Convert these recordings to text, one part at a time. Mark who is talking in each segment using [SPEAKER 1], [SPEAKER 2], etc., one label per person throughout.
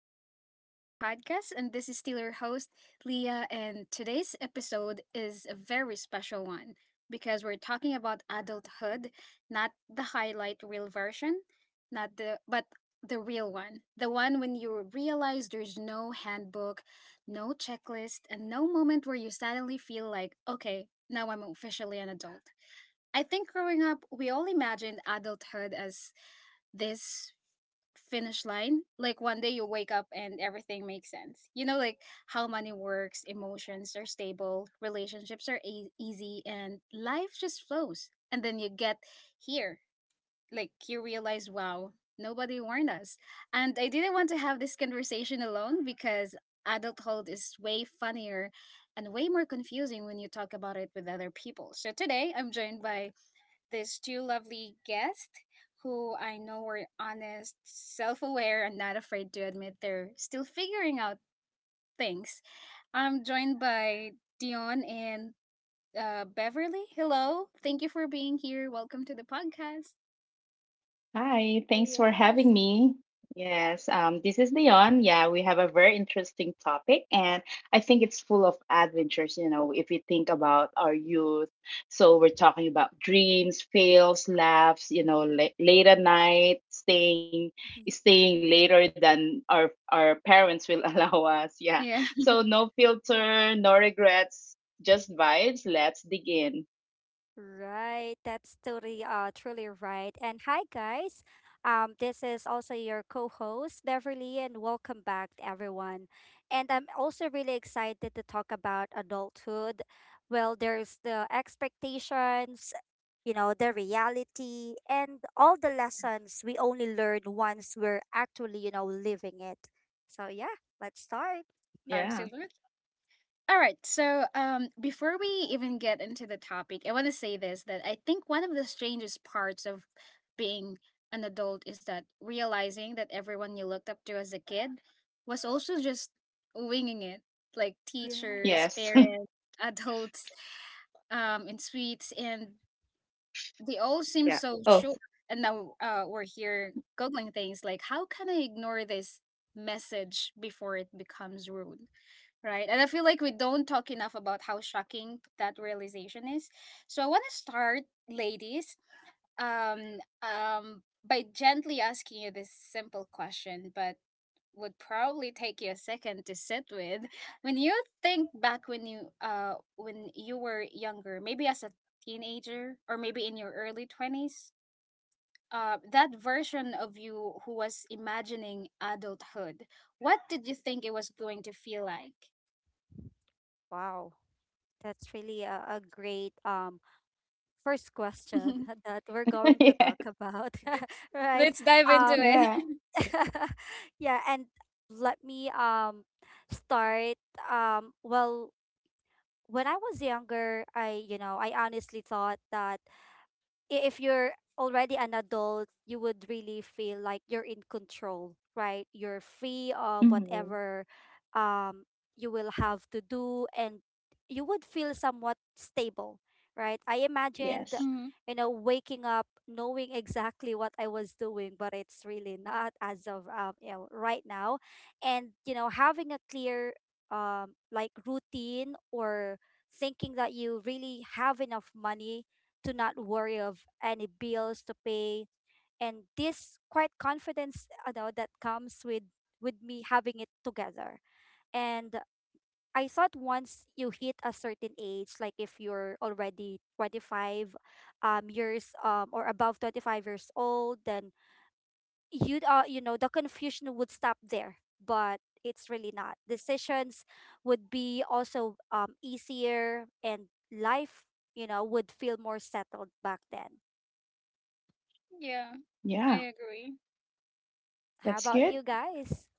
[SPEAKER 1] Welcome back to the podcast. And this is still your host, Leah. And today's episode is a very special one because we're talking about adulthood, not the highlight reel version, not the, but the real one. The one when you realize there's no handbook, no checklist, and no moment where you suddenly feel like, okay, now I'm officially an adult. I think growing up, we all imagined adulthood as this finish line. Like, one day you wake up and everything makes sense, you know, like how money works, emotions are stable, relationships are easy, and life just flows. And then you get here, like, you realize, wow, nobody warned us. And I didn't want to have this conversation alone because adulthood is way funnier and way more confusing when you talk about it with other people. So today I'm joined by these two lovely guests who I know were honest, self aware, and not afraid to admit they're still figuring out things. I'm joined by Dion and Beverly. Hello. Thank you for being here. Welcome to the podcast.
[SPEAKER 2] Hi,
[SPEAKER 3] Oh
[SPEAKER 2] thanks for having
[SPEAKER 3] yes.
[SPEAKER 2] me. Yes, this is Leon. Yeah, we have a very interesting topic, and I think it's full of adventures, you know, if we think about our youth. So we're talking about dreams, fails, laughs, you know, la late at night, staying
[SPEAKER 3] Mhm.
[SPEAKER 2] staying later than our parents will allow us. Yeah.
[SPEAKER 1] Yeah,
[SPEAKER 2] So no filter, no regrets, just vibes. Let's dig in.
[SPEAKER 3] Right, that's totally truly right. And hi guys. This is also your co-host Beverly, and welcome back everyone. And I'm also really excited to talk about adulthood. Well, there's the expectations, you know, the reality, and all the lessons we only learn once we're actually you know, living it. So yeah, let's start.
[SPEAKER 2] Yeah.
[SPEAKER 1] absolutely. All right. So, before we even get into the topic, I want to say this that I think one of the strangest parts of being an adult is that realizing that everyone you looked up to as a kid was also just winging it, like
[SPEAKER 3] Yeah.
[SPEAKER 1] teachers,
[SPEAKER 2] Yes.
[SPEAKER 1] parents, adults, in suites, and they all seem
[SPEAKER 2] Yeah.
[SPEAKER 1] so
[SPEAKER 2] Oh,
[SPEAKER 1] sure. And now we're here googling things like, how can I ignore this message before it becomes rude? Right. And I feel like we don't talk enough about how shocking that realization is. So I want to start, ladies, um, um, by gently asking you this simple question, but would probably take you a second to sit with. When you think back, when you were younger, maybe as a teenager or maybe in your early 20s, that version of you who was imagining adulthood, what did you think it was going to feel like?
[SPEAKER 3] Wow. That's really a great first question that we're going to
[SPEAKER 2] yes.
[SPEAKER 3] talk about, right?
[SPEAKER 1] Let's dive into
[SPEAKER 3] Um
[SPEAKER 1] it.
[SPEAKER 2] Yeah.
[SPEAKER 3] yeah. And let me start. Well, when I was younger, I honestly thought that if you're already an adult, you would really feel like you're in control, right? You're free of
[SPEAKER 2] Hmm.
[SPEAKER 3] whatever um, you will have to do, and you would feel somewhat stable, right? I imagined,
[SPEAKER 2] Yes.
[SPEAKER 1] Mhm.
[SPEAKER 3] waking up knowing exactly what I was doing, but it's really not as of right now, and having a clear like, routine, or thinking that you really have enough money to not worry of any bills to pay, and this quite confidence, that comes with me having it together. And I thought once you hit a certain age, like if you're already 25 years or above 25 years old, then you'd the confusion would stop there. But it's really not. Decisions would be also easier, and life would feel more settled back then.
[SPEAKER 1] Yeah, I
[SPEAKER 2] Yeah,
[SPEAKER 1] agree.
[SPEAKER 3] How
[SPEAKER 2] that's
[SPEAKER 3] about
[SPEAKER 2] good.
[SPEAKER 3] you guys?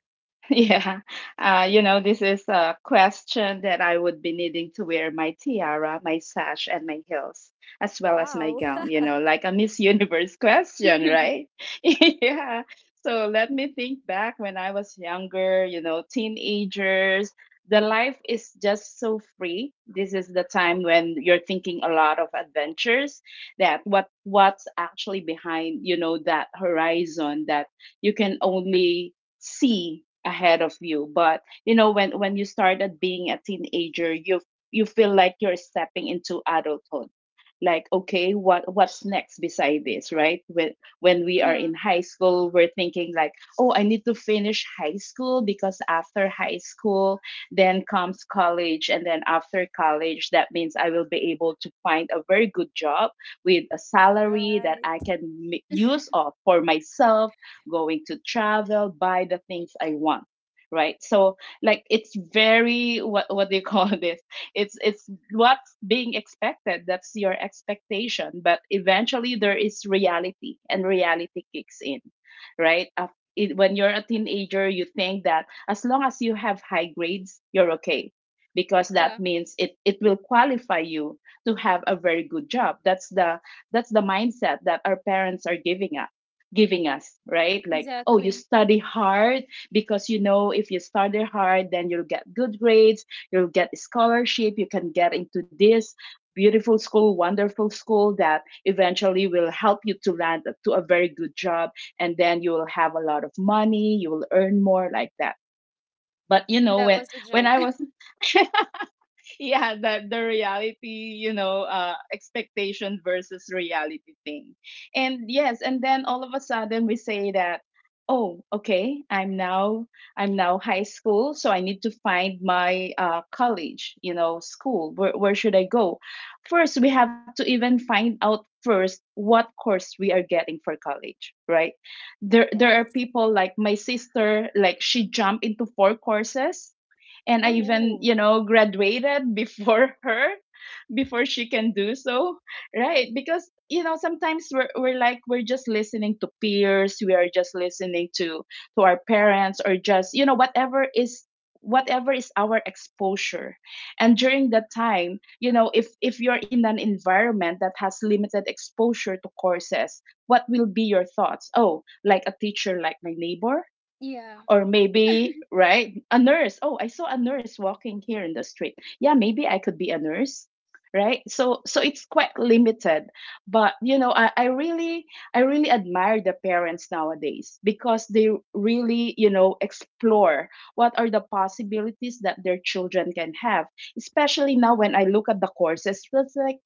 [SPEAKER 2] Yeah, you know, this is a question that I would be needing to wear my tiara, my sash, and my heels, as well as my
[SPEAKER 3] Wow.
[SPEAKER 2] gown, you know, like a Miss Universe question, right? Yeah. So let me think back when I was younger, you know, teenagers. The life is just so free. This is the time when you're thinking a lot of adventures that what's actually behind, you know, that horizon that you can only see ahead of you. But you know, when you started being a teenager, you feel like you're stepping into adulthood. Like, okay, what's next beside this, right? When we
[SPEAKER 1] yeah,
[SPEAKER 2] are in high school, we're thinking like, oh, I need to finish high school, because after high school then comes college, and then after college that means I will be able to find a very good job with a salary that I
[SPEAKER 3] Right.
[SPEAKER 2] can use of for myself, going to travel, buy the things I want. Right. So like, it's very, what do you call this? It's what's being expected. That's your expectation. But eventually there is reality, and reality kicks in. Right. When you're a teenager, you think that as long as you have high grades, you're okay, because
[SPEAKER 1] yeah,
[SPEAKER 2] that means it will qualify you to have a very good job. That's the mindset that our parents are giving us, right? Like, oh, you
[SPEAKER 1] exactly.
[SPEAKER 2] study hard, because you know if you study hard, then you'll get good grades, you'll get a scholarship, you can get into this wonderful school that eventually will help you to land to a very good job, and then you will have a lot of money, you will earn more like that. But you know,
[SPEAKER 1] That
[SPEAKER 2] when
[SPEAKER 1] was a joke.
[SPEAKER 2] I was yeah the reality, you know, expectation versus reality thing. And yes, and then all of a sudden we say that, oh okay, I'm now high school, so I need to find my college, you know, school where should I go. First we have to even find out first what course we are getting for college, right? There are
[SPEAKER 3] Yes.
[SPEAKER 2] people like my sister, like she jumped into four courses, and I
[SPEAKER 1] Oh,
[SPEAKER 2] even,
[SPEAKER 3] Ooh.
[SPEAKER 2] you know, graduated before her, before she can do so. Right, because you know, sometimes we're like, we're just listening to peers, we are just listening to our parents, or just you know whatever is our exposure. And during that time, you know, if you're in an environment that has limited exposure to courses, what will be your thoughts? Oh, like a teacher, like my neighbor,
[SPEAKER 1] yeah,
[SPEAKER 2] or maybe, right, a nurse. Oh, I saw a nurse walking here in the street, yeah maybe I could be a nurse, right? So it's quite limited. But you know, I really admire the parents nowadays, because they really, you know, explore what are the possibilities that their children can have, especially now when I look at the courses. It's like,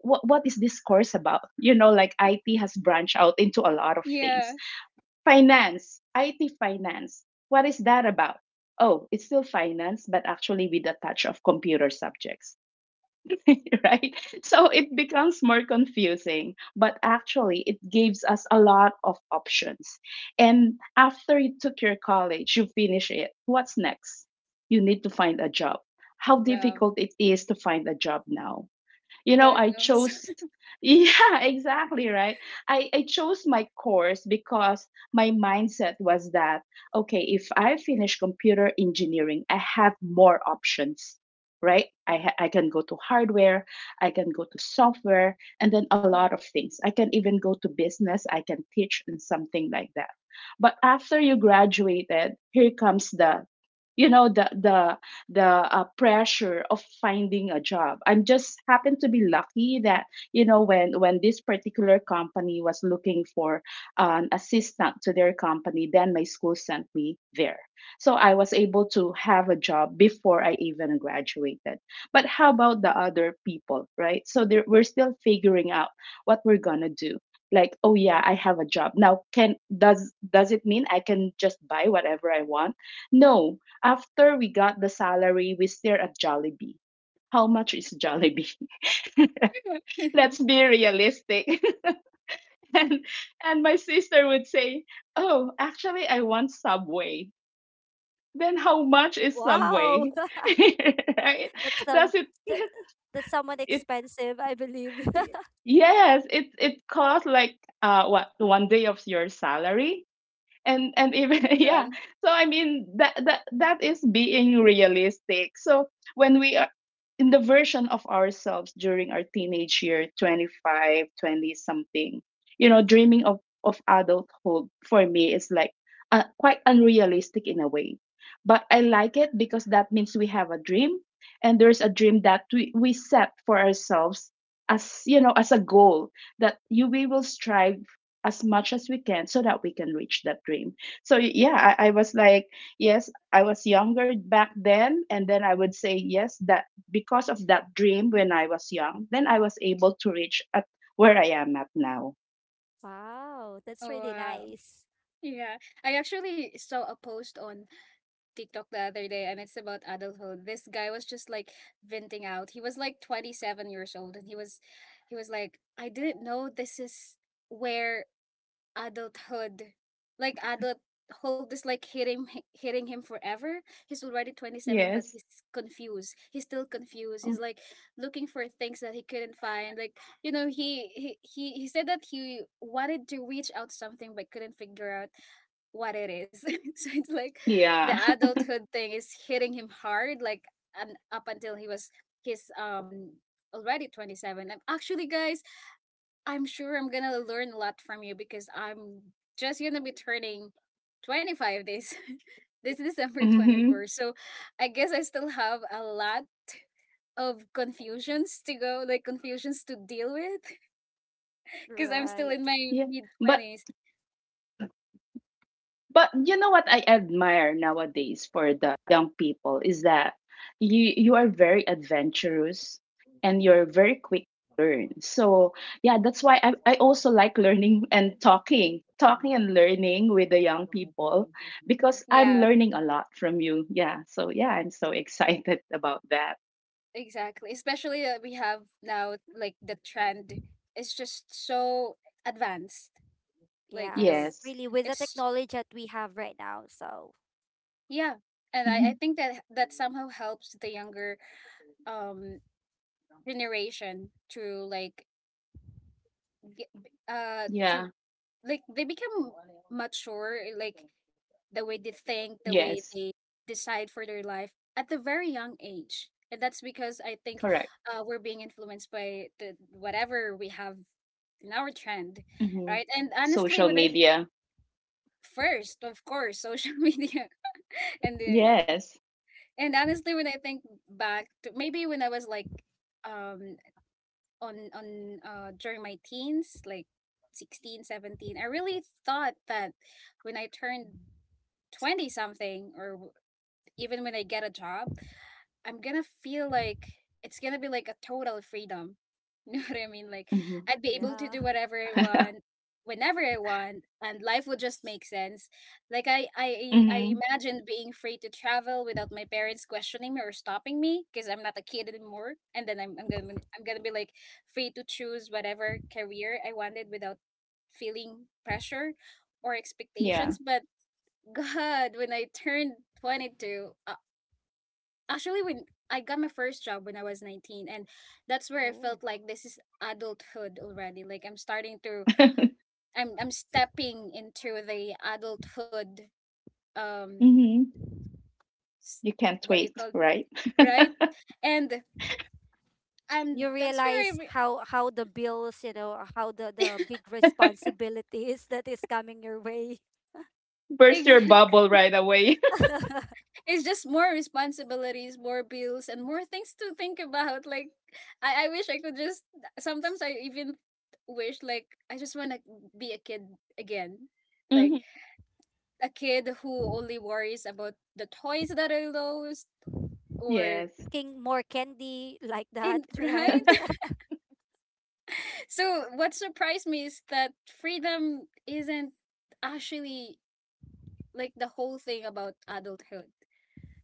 [SPEAKER 2] what is this course about? You know, like it has branched out into a lot of
[SPEAKER 1] yeah.
[SPEAKER 2] things. Finance, IT finance. What is that about? Oh, it's still finance, but actually with a touch of computer subjects, right? So it becomes more confusing, but actually it gives us a lot of options. And after you took your college, you finish it. What's next? You need to find a job. How
[SPEAKER 1] Good job.
[SPEAKER 2] difficult it is to find a job now. You know,
[SPEAKER 1] God
[SPEAKER 2] I
[SPEAKER 1] knows.
[SPEAKER 2] chose yeah, exactly, right. I chose my course because my mindset was that, okay, if I finish computer engineering, I have more options. Right, I can go to hardware, I can go to software, and then a lot
[SPEAKER 1] Mhm.
[SPEAKER 2] of things, I can even go to business, I can teach and something like that. But after you graduated, here comes the, you know, the pressure of finding a job. I'm just happened to be lucky that you know, when this particular company was looking for an assistant to their company, then my school sent me there. So I was able to have a job before I even graduated. But how about the other people, right? So there, we're still figuring out what we're gonna do. Like, oh yeah, I have a job now. Can Does it mean I can just buy whatever I want? No, after we got the salary, we stared at Jollibee. How much is Jollibee? Let's be realistic. and and my sister would say, "Oh, actually, I want Subway." Then how much is
[SPEAKER 3] Wow.
[SPEAKER 2] Subway? Right?
[SPEAKER 3] That's some
[SPEAKER 2] Does it
[SPEAKER 3] that, that's somewhat
[SPEAKER 2] It,
[SPEAKER 3] expensive, I believe.
[SPEAKER 2] yes, it costs like what one day of your salary, and even
[SPEAKER 1] God.
[SPEAKER 2] yeah. So I mean, that is being realistic. So when we are in the version of ourselves during our teenage year, 25, 20 something, you know, dreaming of adulthood, for me is like quite unrealistic in a way. But I like it, because that means we have a dream, and there's a dream that we set for ourselves, as you know, as a goal that you we will strive as much as we can so that we can reach that dream. So yeah, I was like, yes, I was younger back then, and then I would say yes that because of that dream when I was young, then I was able to reach at where I am at now.
[SPEAKER 3] Wow, that's
[SPEAKER 1] Oh,
[SPEAKER 3] really
[SPEAKER 1] wow.
[SPEAKER 3] nice.
[SPEAKER 1] Yeah. I actually saw a post on TikTok the other day, and it's about adulthood. This guy was just like venting out. He was like 27 years old, and he was like, I didn't know this is where adulthood. Like adulthood is like hitting him forever. He's already 27, but
[SPEAKER 2] Yes.
[SPEAKER 1] he's confused. He's still confused.
[SPEAKER 2] Mm.
[SPEAKER 1] He's like looking for things that he couldn't find. Like, you know, he said that he wanted to reach out something but couldn't figure out what it is. So it's like the
[SPEAKER 2] Yeah.
[SPEAKER 1] adulthood thing is hitting him hard, like, and up until he was his, already 27. And actually, guys, I'm sure I'm gonna learn a lot from you because I'm just gonna be turning 25 this this December
[SPEAKER 2] Hmm.
[SPEAKER 1] 24. So I guess I still have a lot of confusions to go, like confusions to deal with because I'm still in
[SPEAKER 3] Right.
[SPEAKER 1] my
[SPEAKER 2] Yeah.
[SPEAKER 1] mid
[SPEAKER 2] But
[SPEAKER 1] 20s.
[SPEAKER 2] But you know what I admire nowadays for the young people is that you are very adventurous and you're very quick to learn. So yeah, that's why I also like learning and Talking and learning with the young people, because I'm
[SPEAKER 1] Yeah,
[SPEAKER 2] learning a lot from you. Yeah. So yeah, I'm so excited about that.
[SPEAKER 1] exactly. Especially that we have now, like, the trend is just so advanced. Like, you know,
[SPEAKER 3] Yes.
[SPEAKER 2] Yes.
[SPEAKER 3] Really, with the
[SPEAKER 1] it's,
[SPEAKER 3] technology that we have right now, so.
[SPEAKER 1] yeah. And I
[SPEAKER 2] Mhm.
[SPEAKER 1] think that that somehow helps the younger um generation to like ge- uh to
[SPEAKER 2] Yeah.
[SPEAKER 1] they become mature, like the way they think, the way
[SPEAKER 2] Yes.
[SPEAKER 1] they decide for their life at the very young age, and that's because I think
[SPEAKER 2] Correct.
[SPEAKER 1] we're being influenced by the whatever we have in our trend,
[SPEAKER 2] Hmm.
[SPEAKER 1] right? And honestly,
[SPEAKER 2] Social
[SPEAKER 1] when I
[SPEAKER 2] media.
[SPEAKER 1] first, of course, social media and the
[SPEAKER 2] Yes.
[SPEAKER 1] and honestly when I think back to maybe when I was like, um on during my teens, like 16, 17, I really thought that when I turned 20 something, or even when I get a job, I'm gonna feel like it's gonna be like a total freedom. You know what I mean? Like
[SPEAKER 2] Hmm.
[SPEAKER 1] I'd be
[SPEAKER 3] Yeah.
[SPEAKER 1] able to do whatever I want, whenever I want, and life would just make sense. Like, I
[SPEAKER 2] Hmm.
[SPEAKER 1] imagined being free to travel without my parents questioning me or stopping me because I'm not a kid anymore. And then I'm gonna be like free to choose whatever career I wanted without feeling pressure or
[SPEAKER 2] Yeah.
[SPEAKER 1] expectations. But God, when I turned 22, actually when I got my first job when I was 19, and that's where I
[SPEAKER 3] Oh.
[SPEAKER 1] felt like this is adulthood already, like I'm starting to I'm stepping into the adulthood, um
[SPEAKER 2] Hmm.
[SPEAKER 1] s-
[SPEAKER 2] You can't
[SPEAKER 1] what do you
[SPEAKER 2] wait,
[SPEAKER 1] call,
[SPEAKER 2] right?
[SPEAKER 1] right? And and
[SPEAKER 3] You
[SPEAKER 1] that's where
[SPEAKER 3] realize how the bills, or how the big responsibilities that is coming your way.
[SPEAKER 2] Burst your bubble
[SPEAKER 1] exactly,
[SPEAKER 2] right away.
[SPEAKER 1] it's just more responsibilities, more bills, and more things to think about. Like, I wish I could just, sometimes I even wish like I just want to be a kid again, like
[SPEAKER 2] Hmm.
[SPEAKER 1] a kid who only worries about the toys that I lost or
[SPEAKER 2] Yes,
[SPEAKER 3] King more candy like that,
[SPEAKER 1] in right?
[SPEAKER 3] right?
[SPEAKER 1] So what surprised me is that freedom isn't actually like the whole thing about adulthood.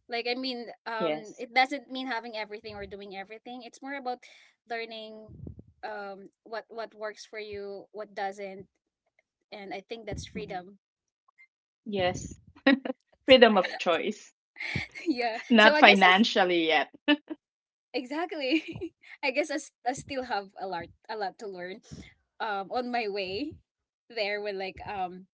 [SPEAKER 1] Like, I mean,
[SPEAKER 2] yes,
[SPEAKER 1] it doesn't mean having everything or doing everything. It's more about learning, what works for you, what doesn't, and I think that's
[SPEAKER 2] hmm,
[SPEAKER 1] freedom.
[SPEAKER 2] yes.
[SPEAKER 3] That's
[SPEAKER 2] Freedom of
[SPEAKER 3] right.
[SPEAKER 2] choice,
[SPEAKER 1] yeah. So
[SPEAKER 2] not
[SPEAKER 1] I guess as
[SPEAKER 2] financially yet.
[SPEAKER 1] Exactly. I guess I still have a lot to learn, on my way there when like,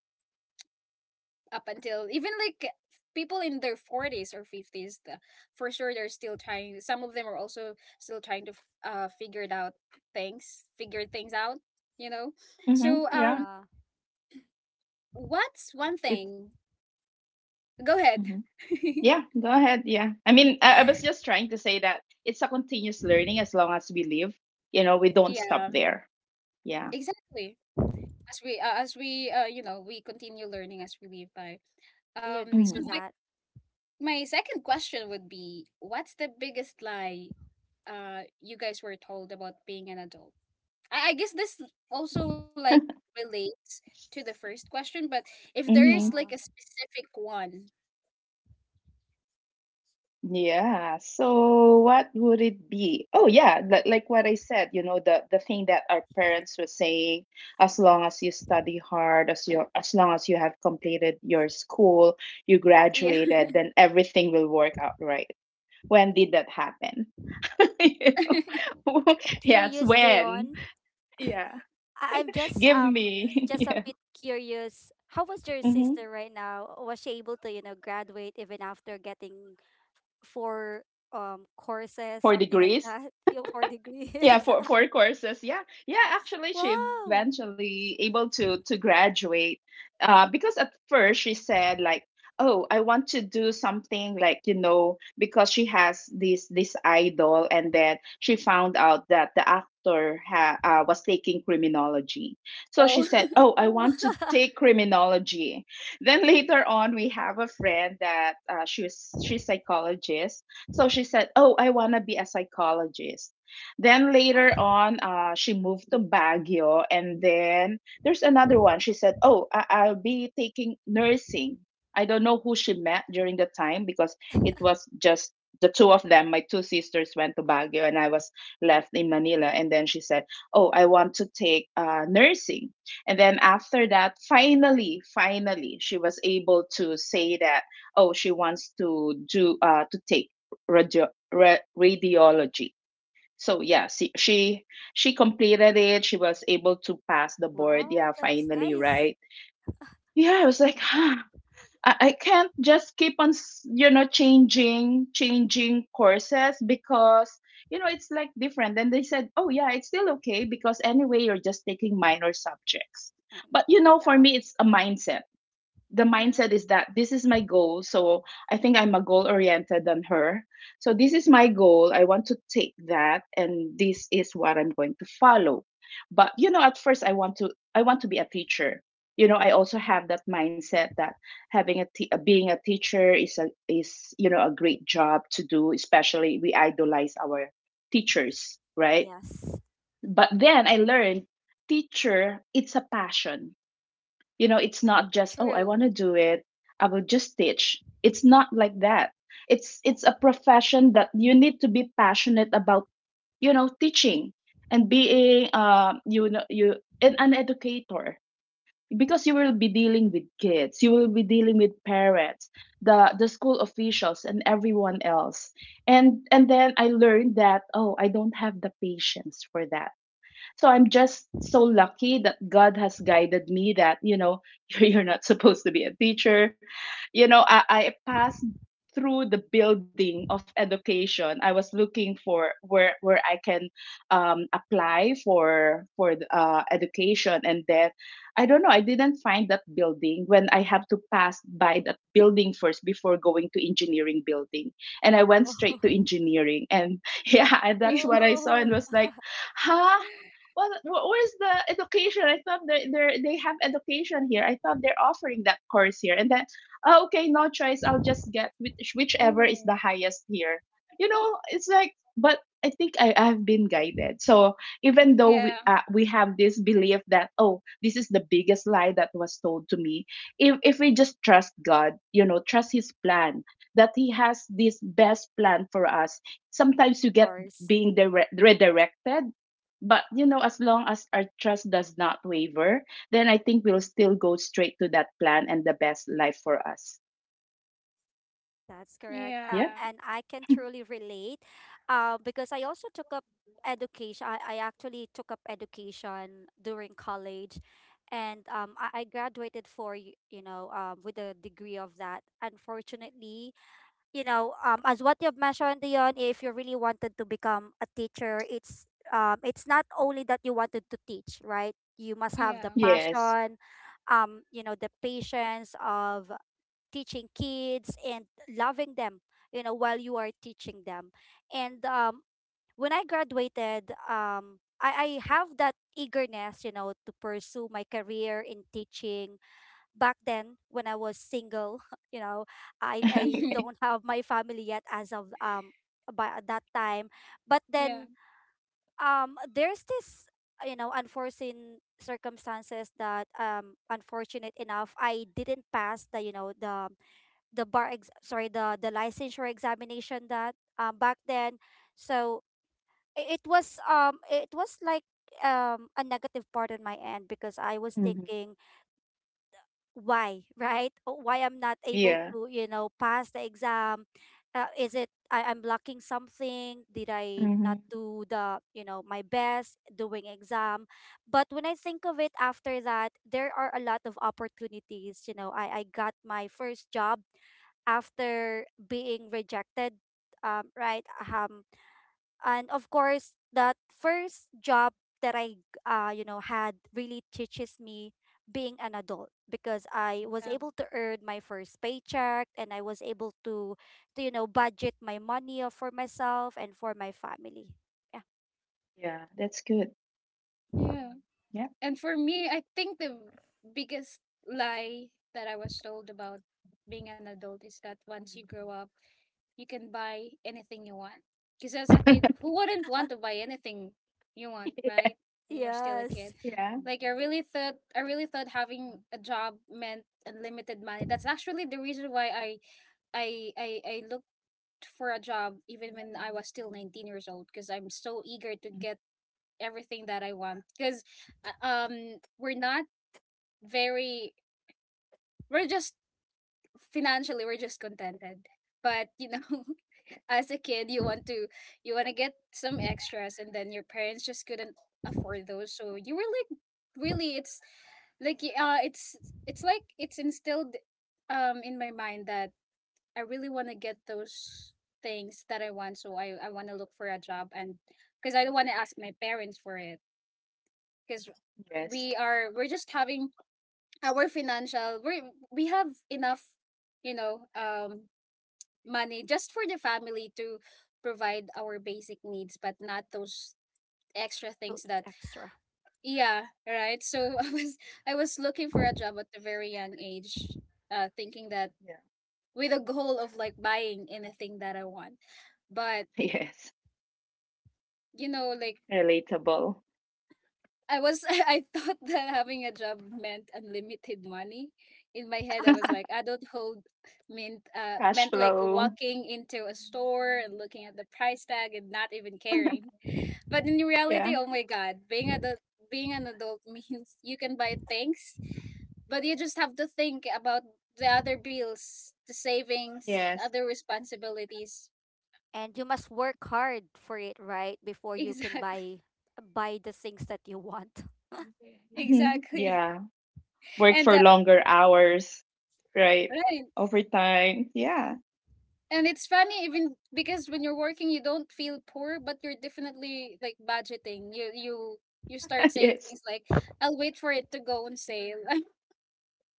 [SPEAKER 1] up until even like people in their 40s or 50s, for sure they're still trying, some of them are also still trying to figure things out, you know.
[SPEAKER 2] Hmm.
[SPEAKER 1] So,
[SPEAKER 2] Yeah,
[SPEAKER 3] Yeah,
[SPEAKER 1] what's one
[SPEAKER 2] it's
[SPEAKER 1] thing? Go ahead.
[SPEAKER 2] Mhm. Yeah. Go ahead. Yeah, I mean, I was just trying to say that it's a continuous learning as long as we live. You know, we don't stop
[SPEAKER 1] Yeah,
[SPEAKER 2] there. Yeah.
[SPEAKER 1] exactly. As we uh, as we uh you know we continue learning as we live by,
[SPEAKER 3] I agree to
[SPEAKER 1] so my.
[SPEAKER 3] that.
[SPEAKER 1] My second question would be, what's the biggest lie you guys were told about being an adult? I guess this also like relates to the first question, but if there is like
[SPEAKER 2] Mm-hmm.
[SPEAKER 1] a
[SPEAKER 3] Yeah.
[SPEAKER 1] specific one.
[SPEAKER 2] Yeah. So what would it be? Oh yeah, like what I said, you know, the thing that our parents were saying, as long as you study hard, as long as you have completed your school, you
[SPEAKER 1] Yeah.
[SPEAKER 2] graduated, then everything will work out right. When did that happen? You know?
[SPEAKER 3] Just
[SPEAKER 2] Yeah, it's
[SPEAKER 3] curious,
[SPEAKER 2] when.
[SPEAKER 3] Dayon.
[SPEAKER 2] Yeah.
[SPEAKER 3] I'm
[SPEAKER 2] Give me.
[SPEAKER 3] just a
[SPEAKER 2] Yeah.
[SPEAKER 3] bit curious. How was your
[SPEAKER 2] Mm-hmm.
[SPEAKER 3] sister right now? Was she able to, graduate even after getting four courses,
[SPEAKER 2] Four
[SPEAKER 3] something like
[SPEAKER 2] degrees.
[SPEAKER 3] that? Four
[SPEAKER 2] Yeah,
[SPEAKER 3] degrees.
[SPEAKER 2] four courses. Yeah, yeah. Actually, she
[SPEAKER 3] Wow.
[SPEAKER 2] eventually able to graduate, because at first she said like, "Oh, I want to do something like you know," because she has this idol, and then she found out that the actor ha was taking criminology. So she
[SPEAKER 1] oh.
[SPEAKER 2] said, "Oh, I
[SPEAKER 3] Oh.
[SPEAKER 2] want to take criminology." Then later on, we have a friend that she's psychologist, so she said, "Oh, I wanna be a psychologist." Then later on, she moved to Baguio, and then there's another one. She said, "Oh, I'll be taking nursing." I don't know who she met during the time, because it was just the two of them. My two sisters went to Baguio, and I was left in Manila. And then she said, "Oh, I want to take nursing." And then after that, finally, finally, she was able to say that, "Oh, she wants to do to take radiology." So yeah, she completed it, she was able to pass the board,
[SPEAKER 3] Wow,
[SPEAKER 2] yeah,
[SPEAKER 3] that's
[SPEAKER 2] finally,
[SPEAKER 3] nice.
[SPEAKER 2] right? Yeah, I was like, huh, I can't just keep on you know, changing courses, because you know it's like different. Then they said, oh yeah, it's still okay, because anyway you're just taking minor subjects.
[SPEAKER 3] Fine.
[SPEAKER 2] But you know, for
[SPEAKER 3] Yeah.
[SPEAKER 2] me it's a mindset. The
[SPEAKER 1] Yeah.
[SPEAKER 2] mindset is that this is my goal. So I think I'm a goal oriented than her. So this is my goal. I want to take that, and this is what I'm going to follow. But you know, at first I want to be a teacher. You know, I also have that mindset that being a teacher is a is you know a great job to do, especially we idolize our teachers, right?
[SPEAKER 3] Yes.
[SPEAKER 2] But then I learned teacher it's a passion, you know, it's not just, oh, I
[SPEAKER 3] True.
[SPEAKER 2] want to do it. I will just teach. It's not like that. It's a profession that you need to be passionate about, you know, teaching and being you know you an educator, because you will be dealing with kids, you will be dealing with parents, the school officials and everyone else. And then I learned that, oh, I don't have the patience for that, so I'm just so lucky that God has guided me that, you know, you're not supposed to be a teacher. You know, I passed through the building of education. I was looking for where I can apply for education, and then I don't know. I didn't find that building when I have to pass by that building first before going to engineering building, and I went straight
[SPEAKER 3] Oh.
[SPEAKER 2] to engineering, and yeah, and
[SPEAKER 1] Yeah.
[SPEAKER 2] that's what I saw and
[SPEAKER 3] Oh.
[SPEAKER 2] was like, huh? Well, where's the education? I thought they have education here. I thought they're offering that course here. And then, oh, okay, no choice. I'll just get whichever is
[SPEAKER 1] Oh.
[SPEAKER 2] the highest here. You know, it's like, but I think I've been guided. So even though
[SPEAKER 1] Yeah.
[SPEAKER 2] we have this belief that, oh, this is the biggest lie that was told to me. If we just trust God, you know, trust His plan that He has this best plan for us. Sometimes you
[SPEAKER 3] Of
[SPEAKER 2] get
[SPEAKER 3] course.
[SPEAKER 2] being redirected, but you know, as long as our trust does not waver, then I think we'll still go straight to that plan and the best life for us.
[SPEAKER 3] That's correct.
[SPEAKER 2] Yeah.
[SPEAKER 1] Yeah.
[SPEAKER 3] And I can truly relate, because I also took up education. I actually took up education during college, and I graduated for y- you know with a degree of that. Unfortunately, as what you've mentioned, Dion, if you really wanted to become a teacher, it's not only that you wanted to teach, right? You must have the
[SPEAKER 1] Yeah.
[SPEAKER 2] Yes.
[SPEAKER 3] passion, the patience of teaching kids and loving them while you are teaching them. And when I graduated, I have that eagerness to pursue my career in teaching back then when I was single. you know i, I
[SPEAKER 1] Mhm.
[SPEAKER 2] Okay.
[SPEAKER 3] don't have my family yet as of by at that time. But
[SPEAKER 1] yeah.
[SPEAKER 3] then there's this unforeseen circumstances that unfortunate enough, I didn't pass the bar ex- sorry the licensure examination that back then. So it was like a negative part on my end, because I was
[SPEAKER 2] Mm-hmm.
[SPEAKER 3] thinking, why, right? Oh, why I'm not able
[SPEAKER 2] Yeah.
[SPEAKER 3] to pass the exam? Is it I'm lacking something? Did I not
[SPEAKER 2] Mm-hmm.
[SPEAKER 3] do the you know my best doing exam? But when I think of it after that, there are a lot of opportunities. I got my first job after being rejected, right, and of course that first job that I had really teaches me being an adult, because I was
[SPEAKER 1] Yeah.
[SPEAKER 3] able to earn my first paycheck, and I was able to budget my money, for myself and for my family. Yeah.
[SPEAKER 2] Yeah, that's good.
[SPEAKER 1] Yeah.
[SPEAKER 2] Yeah.
[SPEAKER 1] And for me, I think the biggest lie that I was told about being an adult is that once you grow up, you can buy anything you want. Because as a kid, who wouldn't want to buy anything you want, right? When you're still a
[SPEAKER 3] Yes.
[SPEAKER 1] kid,
[SPEAKER 2] Yeah.
[SPEAKER 1] like, I really thought having a job meant unlimited money. That's actually the reason why I looked for a job even when I was still 19 years old. Because I'm so eager to get everything that I want. Because, we're not very, we're just financially, we're just contented, but, you know,
[SPEAKER 2] Okay.
[SPEAKER 1] as a kid you want to, get some extras, and then your parents just couldn't afford those, so you were like, really, it's like, it's instilled in my mind that I really want to get those things that I want, so I want to look for a job, and because I don't want to ask my parents for it because
[SPEAKER 2] Yes.
[SPEAKER 1] we're just having our financial, we have enough, you know um money just for the family to provide our basic needs, but not those extra
[SPEAKER 3] So
[SPEAKER 1] things that
[SPEAKER 3] extra.
[SPEAKER 1] yeah, right? So I was looking for a job at a very young age, thinking that
[SPEAKER 2] Yeah.
[SPEAKER 1] with a goal of like buying anything that I want. But,
[SPEAKER 2] Yes.
[SPEAKER 1] you know, like
[SPEAKER 2] Relatable.
[SPEAKER 1] I was I thought that having a job meant unlimited money. In my head I was like adulthood meant uh
[SPEAKER 2] Cash
[SPEAKER 1] meant like
[SPEAKER 2] flow.
[SPEAKER 1] walking into a store and looking at the price tag and not even caring. But in
[SPEAKER 2] Yeah.
[SPEAKER 1] reality, oh my god, being an adult means you can buy things, but you just have to think about the other bills, the savings,
[SPEAKER 2] Yes.
[SPEAKER 1] other responsibilities.
[SPEAKER 3] And you must work hard for it, right, before you can
[SPEAKER 1] Exactly.
[SPEAKER 3] buy the things that you want.
[SPEAKER 2] Mhm.
[SPEAKER 1] Exactly.
[SPEAKER 2] Yeah. Work
[SPEAKER 1] And
[SPEAKER 2] for longer hours, right?
[SPEAKER 1] right.
[SPEAKER 2] Overtime. Yeah.
[SPEAKER 1] And it's funny even because when you're working you don't feel poor, but you're definitely like budgeting. You start saying
[SPEAKER 2] Yes.
[SPEAKER 1] things like, I'll wait for it to go on sale.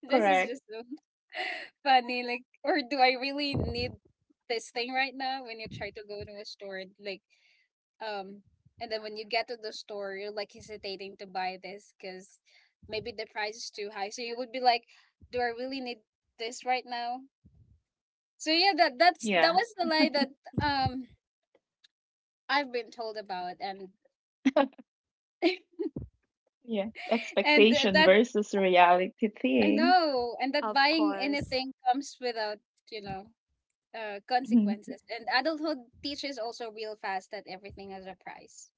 [SPEAKER 1] This is
[SPEAKER 2] Correct.
[SPEAKER 1] just so funny. Like, or do I really need this thing right now? When you try to go to a store, like, um, and then when you get to the store, you're like hesitating to buy this because maybe the price is too high. So you would be like, do I really need this right now? So yeah, that
[SPEAKER 2] Yeah.
[SPEAKER 1] was the lie that um I've been told about, and
[SPEAKER 2] Yeah. Expectation
[SPEAKER 1] that
[SPEAKER 2] versus reality
[SPEAKER 1] I
[SPEAKER 2] thing.
[SPEAKER 1] know, and that
[SPEAKER 3] Of
[SPEAKER 1] buying
[SPEAKER 3] course.
[SPEAKER 1] anything comes without you know
[SPEAKER 2] Mhm.
[SPEAKER 1] consequences. And adulthood teaches also real fast that everything has a price.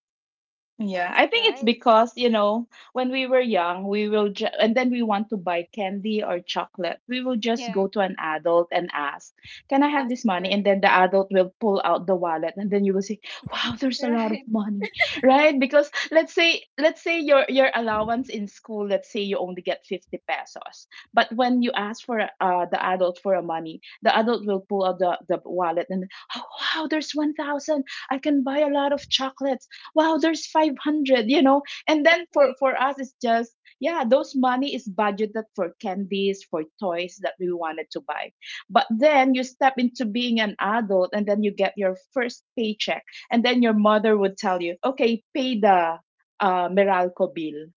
[SPEAKER 2] Yeah,
[SPEAKER 3] That's
[SPEAKER 2] I think it's
[SPEAKER 3] right.
[SPEAKER 2] because, you know, when we were young, we will and then we want to buy candy or chocolate. We will just go
[SPEAKER 1] Yeah,
[SPEAKER 2] to an adult and ask, "Can I have
[SPEAKER 1] ask
[SPEAKER 2] this
[SPEAKER 1] for
[SPEAKER 2] money?" And
[SPEAKER 1] it.
[SPEAKER 2] then the adult will pull out the wallet and then you will say, "Wow, there's a lot of
[SPEAKER 1] Right.
[SPEAKER 2] money." Right? Because let's say your allowance in school, let's say you only get 50 pesos. But when you ask for the adult for a money, the adult will pull out the wallet and, "Oh, wow, there's 1,000. I can buy a lot of chocolates." Wow, there's 500, you know. And then for
[SPEAKER 1] Like,
[SPEAKER 2] for us it's just, yeah, those money is budgeted for candies, for toys that we wanted to buy. But then you step into being an adult, and then you get your first paycheck, and then your mother would tell you, okay, pay the meralco bill,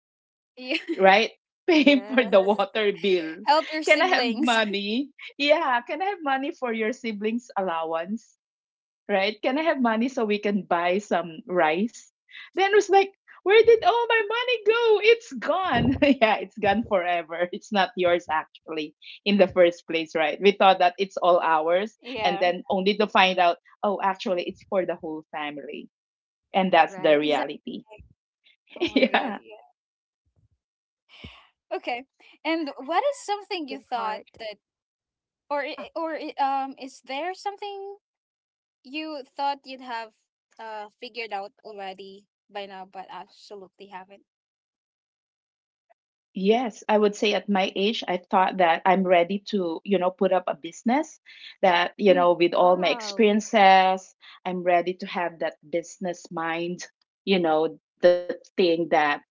[SPEAKER 1] yeah.
[SPEAKER 2] right? Pay for the
[SPEAKER 3] Yes.
[SPEAKER 2] water bill.
[SPEAKER 1] Help your
[SPEAKER 2] Can I have
[SPEAKER 1] siblings.
[SPEAKER 2] money? Yeah, can I have money for your siblings allowance? Right? Can I have money so we can buy some rice? Then it was like, where did all my money go? It's gone. Yeah, it's gone forever. It's not yours actually in the first place, right? We thought that it's all ours, and
[SPEAKER 1] Yeah,
[SPEAKER 2] then only to find out, oh, actually it's for the whole family. And that's the
[SPEAKER 3] Right.
[SPEAKER 1] exactly.
[SPEAKER 2] reality.
[SPEAKER 1] Oh my god,
[SPEAKER 2] Yeah.
[SPEAKER 1] yeah. Okay. And what is something you
[SPEAKER 3] In
[SPEAKER 1] thought
[SPEAKER 3] part.
[SPEAKER 1] that, is there something you thought you'd have figured out already by now but absolutely haven't?
[SPEAKER 2] Yes, I would say at my age, I thought that I'm ready to, you know, put up a business that, you know,
[SPEAKER 1] Mm,
[SPEAKER 2] with all my
[SPEAKER 3] Wow.
[SPEAKER 2] experiences, I'm ready to have that business mind, you know, the thing that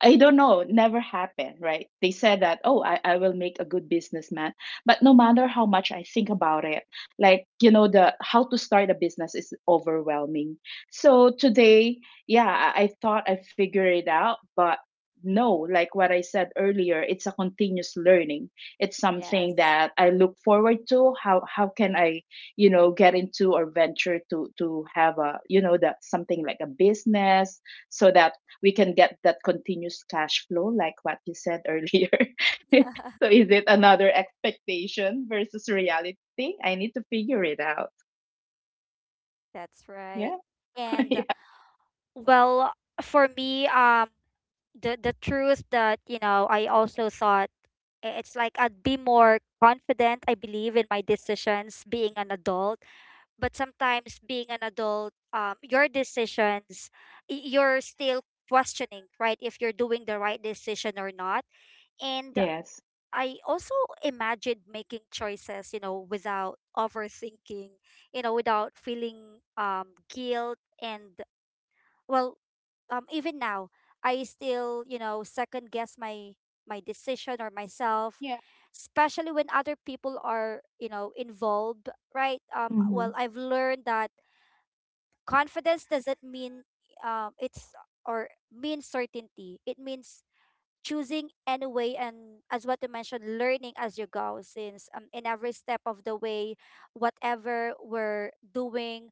[SPEAKER 2] I don't know, never happened, right? They said that, oh, I will make a good businessman. But no matter how much I think about it, like, you know, the how to start a business is overwhelming. So today, yeah, I thought I figured it out, but no, like what I said earlier, it's a continuous learning. It's something
[SPEAKER 3] Yes.
[SPEAKER 2] that I look forward to. How can I, you know, get into or venture to have a, you know, that something like a business so that we can get that continuous cash flow, like what you said earlier. So is it another expectation versus reality? I need to figure it out.
[SPEAKER 3] That's right.
[SPEAKER 2] Yeah. Yeah.
[SPEAKER 3] And well, for me, the truth that I also thought it's like I'd be more confident. I believe in my decisions being an adult, but sometimes being an adult, your decisions, you're still questioning, right? If you're doing the right decision or not. And
[SPEAKER 2] Yes.
[SPEAKER 3] I also imagined making choices, without overthinking, without feeling guilt. And, well, even now, I still second guess my decision or myself,
[SPEAKER 1] yeah,
[SPEAKER 3] especially when other people are involved, right. Well,
[SPEAKER 2] Mm-hmm.
[SPEAKER 3] I've learned that confidence doesn't um it's or mean certainty. It means choosing anyway, and as what you mentioned, learning as you go, since in every step of the way, whatever we're doing,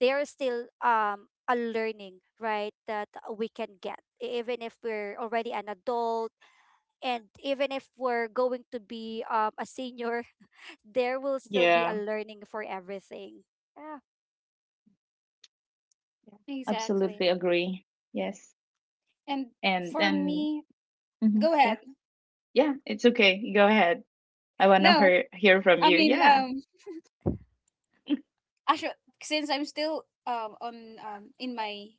[SPEAKER 3] there's still a learning, right, that we can get. Even if we're already an adult, and even if we're going to be a senior, there will still be a
[SPEAKER 2] Yeah.
[SPEAKER 3] learning for everything. Yeah.
[SPEAKER 1] exactly.
[SPEAKER 2] Absolutely agree. Yes.
[SPEAKER 1] And
[SPEAKER 2] And
[SPEAKER 1] for
[SPEAKER 2] and
[SPEAKER 1] me,
[SPEAKER 2] Mm-hmm.
[SPEAKER 1] go
[SPEAKER 2] Yeah.
[SPEAKER 1] ahead.
[SPEAKER 2] Yeah, it's okay. Go ahead. I want to
[SPEAKER 1] No,
[SPEAKER 2] hear from
[SPEAKER 1] I
[SPEAKER 2] you.
[SPEAKER 1] mean,
[SPEAKER 2] Yeah.
[SPEAKER 1] actually, since I'm still on in my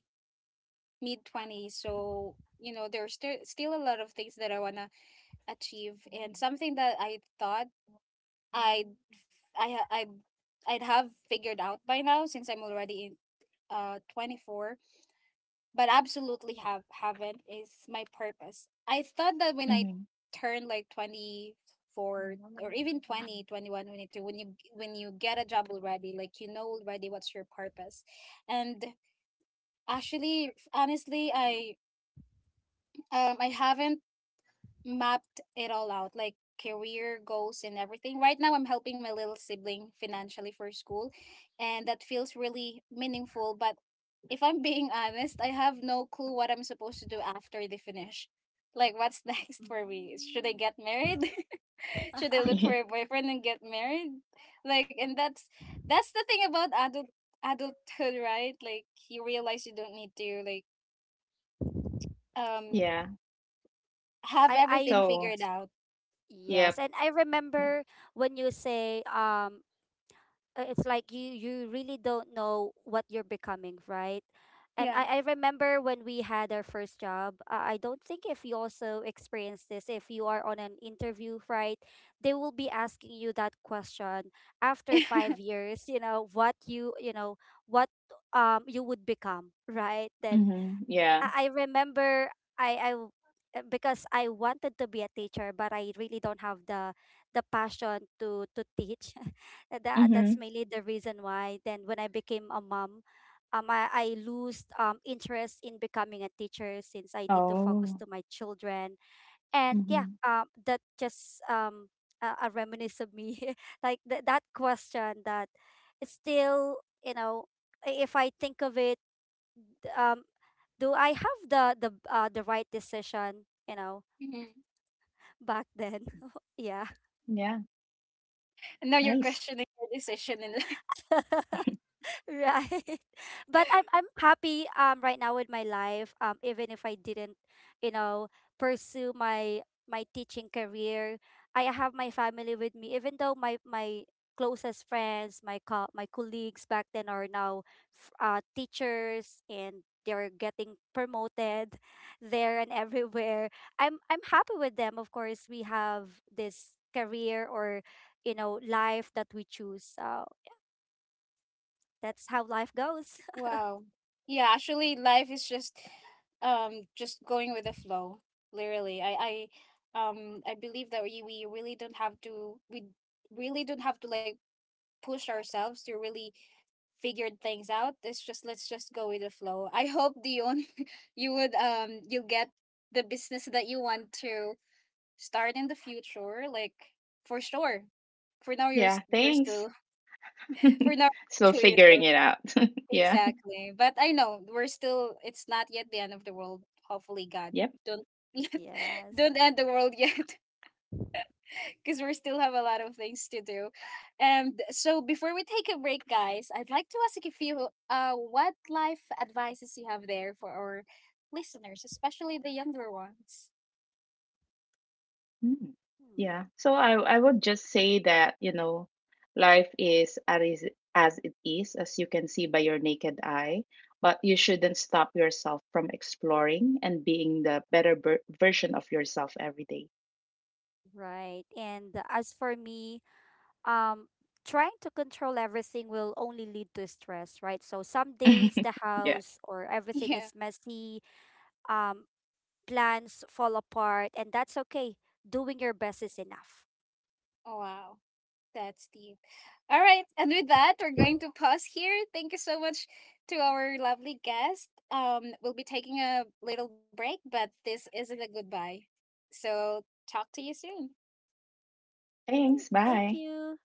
[SPEAKER 1] mid 20s, so you know there's still a lot of things that I wanna achieve, and something that I thought I'd I I'd have figured out by now, since I'm already in 24, but absolutely haven't is my purpose. I thought that when I
[SPEAKER 2] Mm-hmm.
[SPEAKER 1] turned like 24 or even 2021, 22, when you get a job already, like, you know already what's your purpose. And actually honestly, I haven't mapped it all out like career goals and everything. Right now I'm helping my little sibling financially for school, and that feels really meaningful, but if I'm being honest, I have no clue what I'm supposed to do after they finish. Like, what's next for me? Should I
[SPEAKER 3] Mm.
[SPEAKER 1] get married? Should I look for a boyfriend and get married? Like, and that's the thing about adulthood, right? Like, you realize you don't need to like um
[SPEAKER 2] Yeah.
[SPEAKER 1] have
[SPEAKER 3] I,
[SPEAKER 1] everything
[SPEAKER 2] So,
[SPEAKER 1] figured out.
[SPEAKER 2] yep.
[SPEAKER 3] yes, and I
[SPEAKER 2] Yeah.
[SPEAKER 3] remember when you say it's like you really don't know what you're becoming, right? And
[SPEAKER 1] Yeah.
[SPEAKER 3] I remember when we had our first job, I don't think if you also experience this if you are on an interview right they will be asking you that question after five years you know what you know what you would become right then
[SPEAKER 2] Mm-hmm. Yeah.
[SPEAKER 3] I remember I I w- because I wanted to be a teacher, but I really don't have the passion to teach. And that, that's
[SPEAKER 2] Mm-hmm.
[SPEAKER 3] mainly the reason why. Then when I became a mom, I lose interest in becoming a teacher, since I need to focus
[SPEAKER 2] Oh.
[SPEAKER 3] to my children. And yeah,
[SPEAKER 2] Mm-hmm.
[SPEAKER 3] that just a reminisce of me like that question, that it's still, if I think of it, um do I have the right decision,
[SPEAKER 1] Mhm.
[SPEAKER 3] back then? Yeah.
[SPEAKER 2] Yeah.
[SPEAKER 1] And now you're
[SPEAKER 2] Nice.
[SPEAKER 1] questioning your decision in.
[SPEAKER 3] Right. But I'm happy right now with my life. Even if I didn't, you know, pursue my my teaching career, I have my family with me, even though my closest friends, my colleagues back then are now teachers, and they're getting promoted there and everywhere. I'm happy with them. Of course, we have this career, life that we choose. So that's how life goes.
[SPEAKER 1] Wow. Yeah, actually life is just going with the flow. Literally. I believe that we really don't have to we really don't have to like push ourselves to really figure things out. It's just, let's just go with the flow. I hope Dion you would, you get the business that you want to start in the future, like, for sure. For now you're
[SPEAKER 2] Yeah,
[SPEAKER 1] s- you're
[SPEAKER 2] thanks.
[SPEAKER 1] still for now
[SPEAKER 2] Still
[SPEAKER 1] you're still, you
[SPEAKER 2] figuring
[SPEAKER 1] know.
[SPEAKER 2] it out. Yeah.
[SPEAKER 1] Exactly. But I know we're still, it's not yet the end of the world. Hopefully God
[SPEAKER 2] Yep.
[SPEAKER 1] don't yet
[SPEAKER 3] Yes.
[SPEAKER 1] don't end the world yet because we still have a lot of things to do. And so before we take a break, guys, I'd like to ask if you what life advices you have there for our listeners, especially the younger ones.
[SPEAKER 2] Mm.
[SPEAKER 3] Hmm.
[SPEAKER 2] Yeah. So I would just say that, you know, life is as it is, as you can see by your naked eye, but you shouldn't stop yourself from exploring and being the better version of yourself every day.
[SPEAKER 3] Right. And as for me, um, trying to control everything will only lead to stress, right? So some days the
[SPEAKER 2] Yeah.
[SPEAKER 3] house or everything
[SPEAKER 1] Yeah.
[SPEAKER 3] is messy, um, plans fall apart, and that's okay. Doing your best is enough.
[SPEAKER 1] Oh wow. That's deep. All right. And with that, we're going
[SPEAKER 3] All
[SPEAKER 1] to pause here. Thank you so much to our lovely guest. We'll be taking a little break, but this isn't a goodbye. So, talk to you soon.
[SPEAKER 3] right.
[SPEAKER 2] Thanks.
[SPEAKER 3] Thank
[SPEAKER 2] Bye.
[SPEAKER 3] you.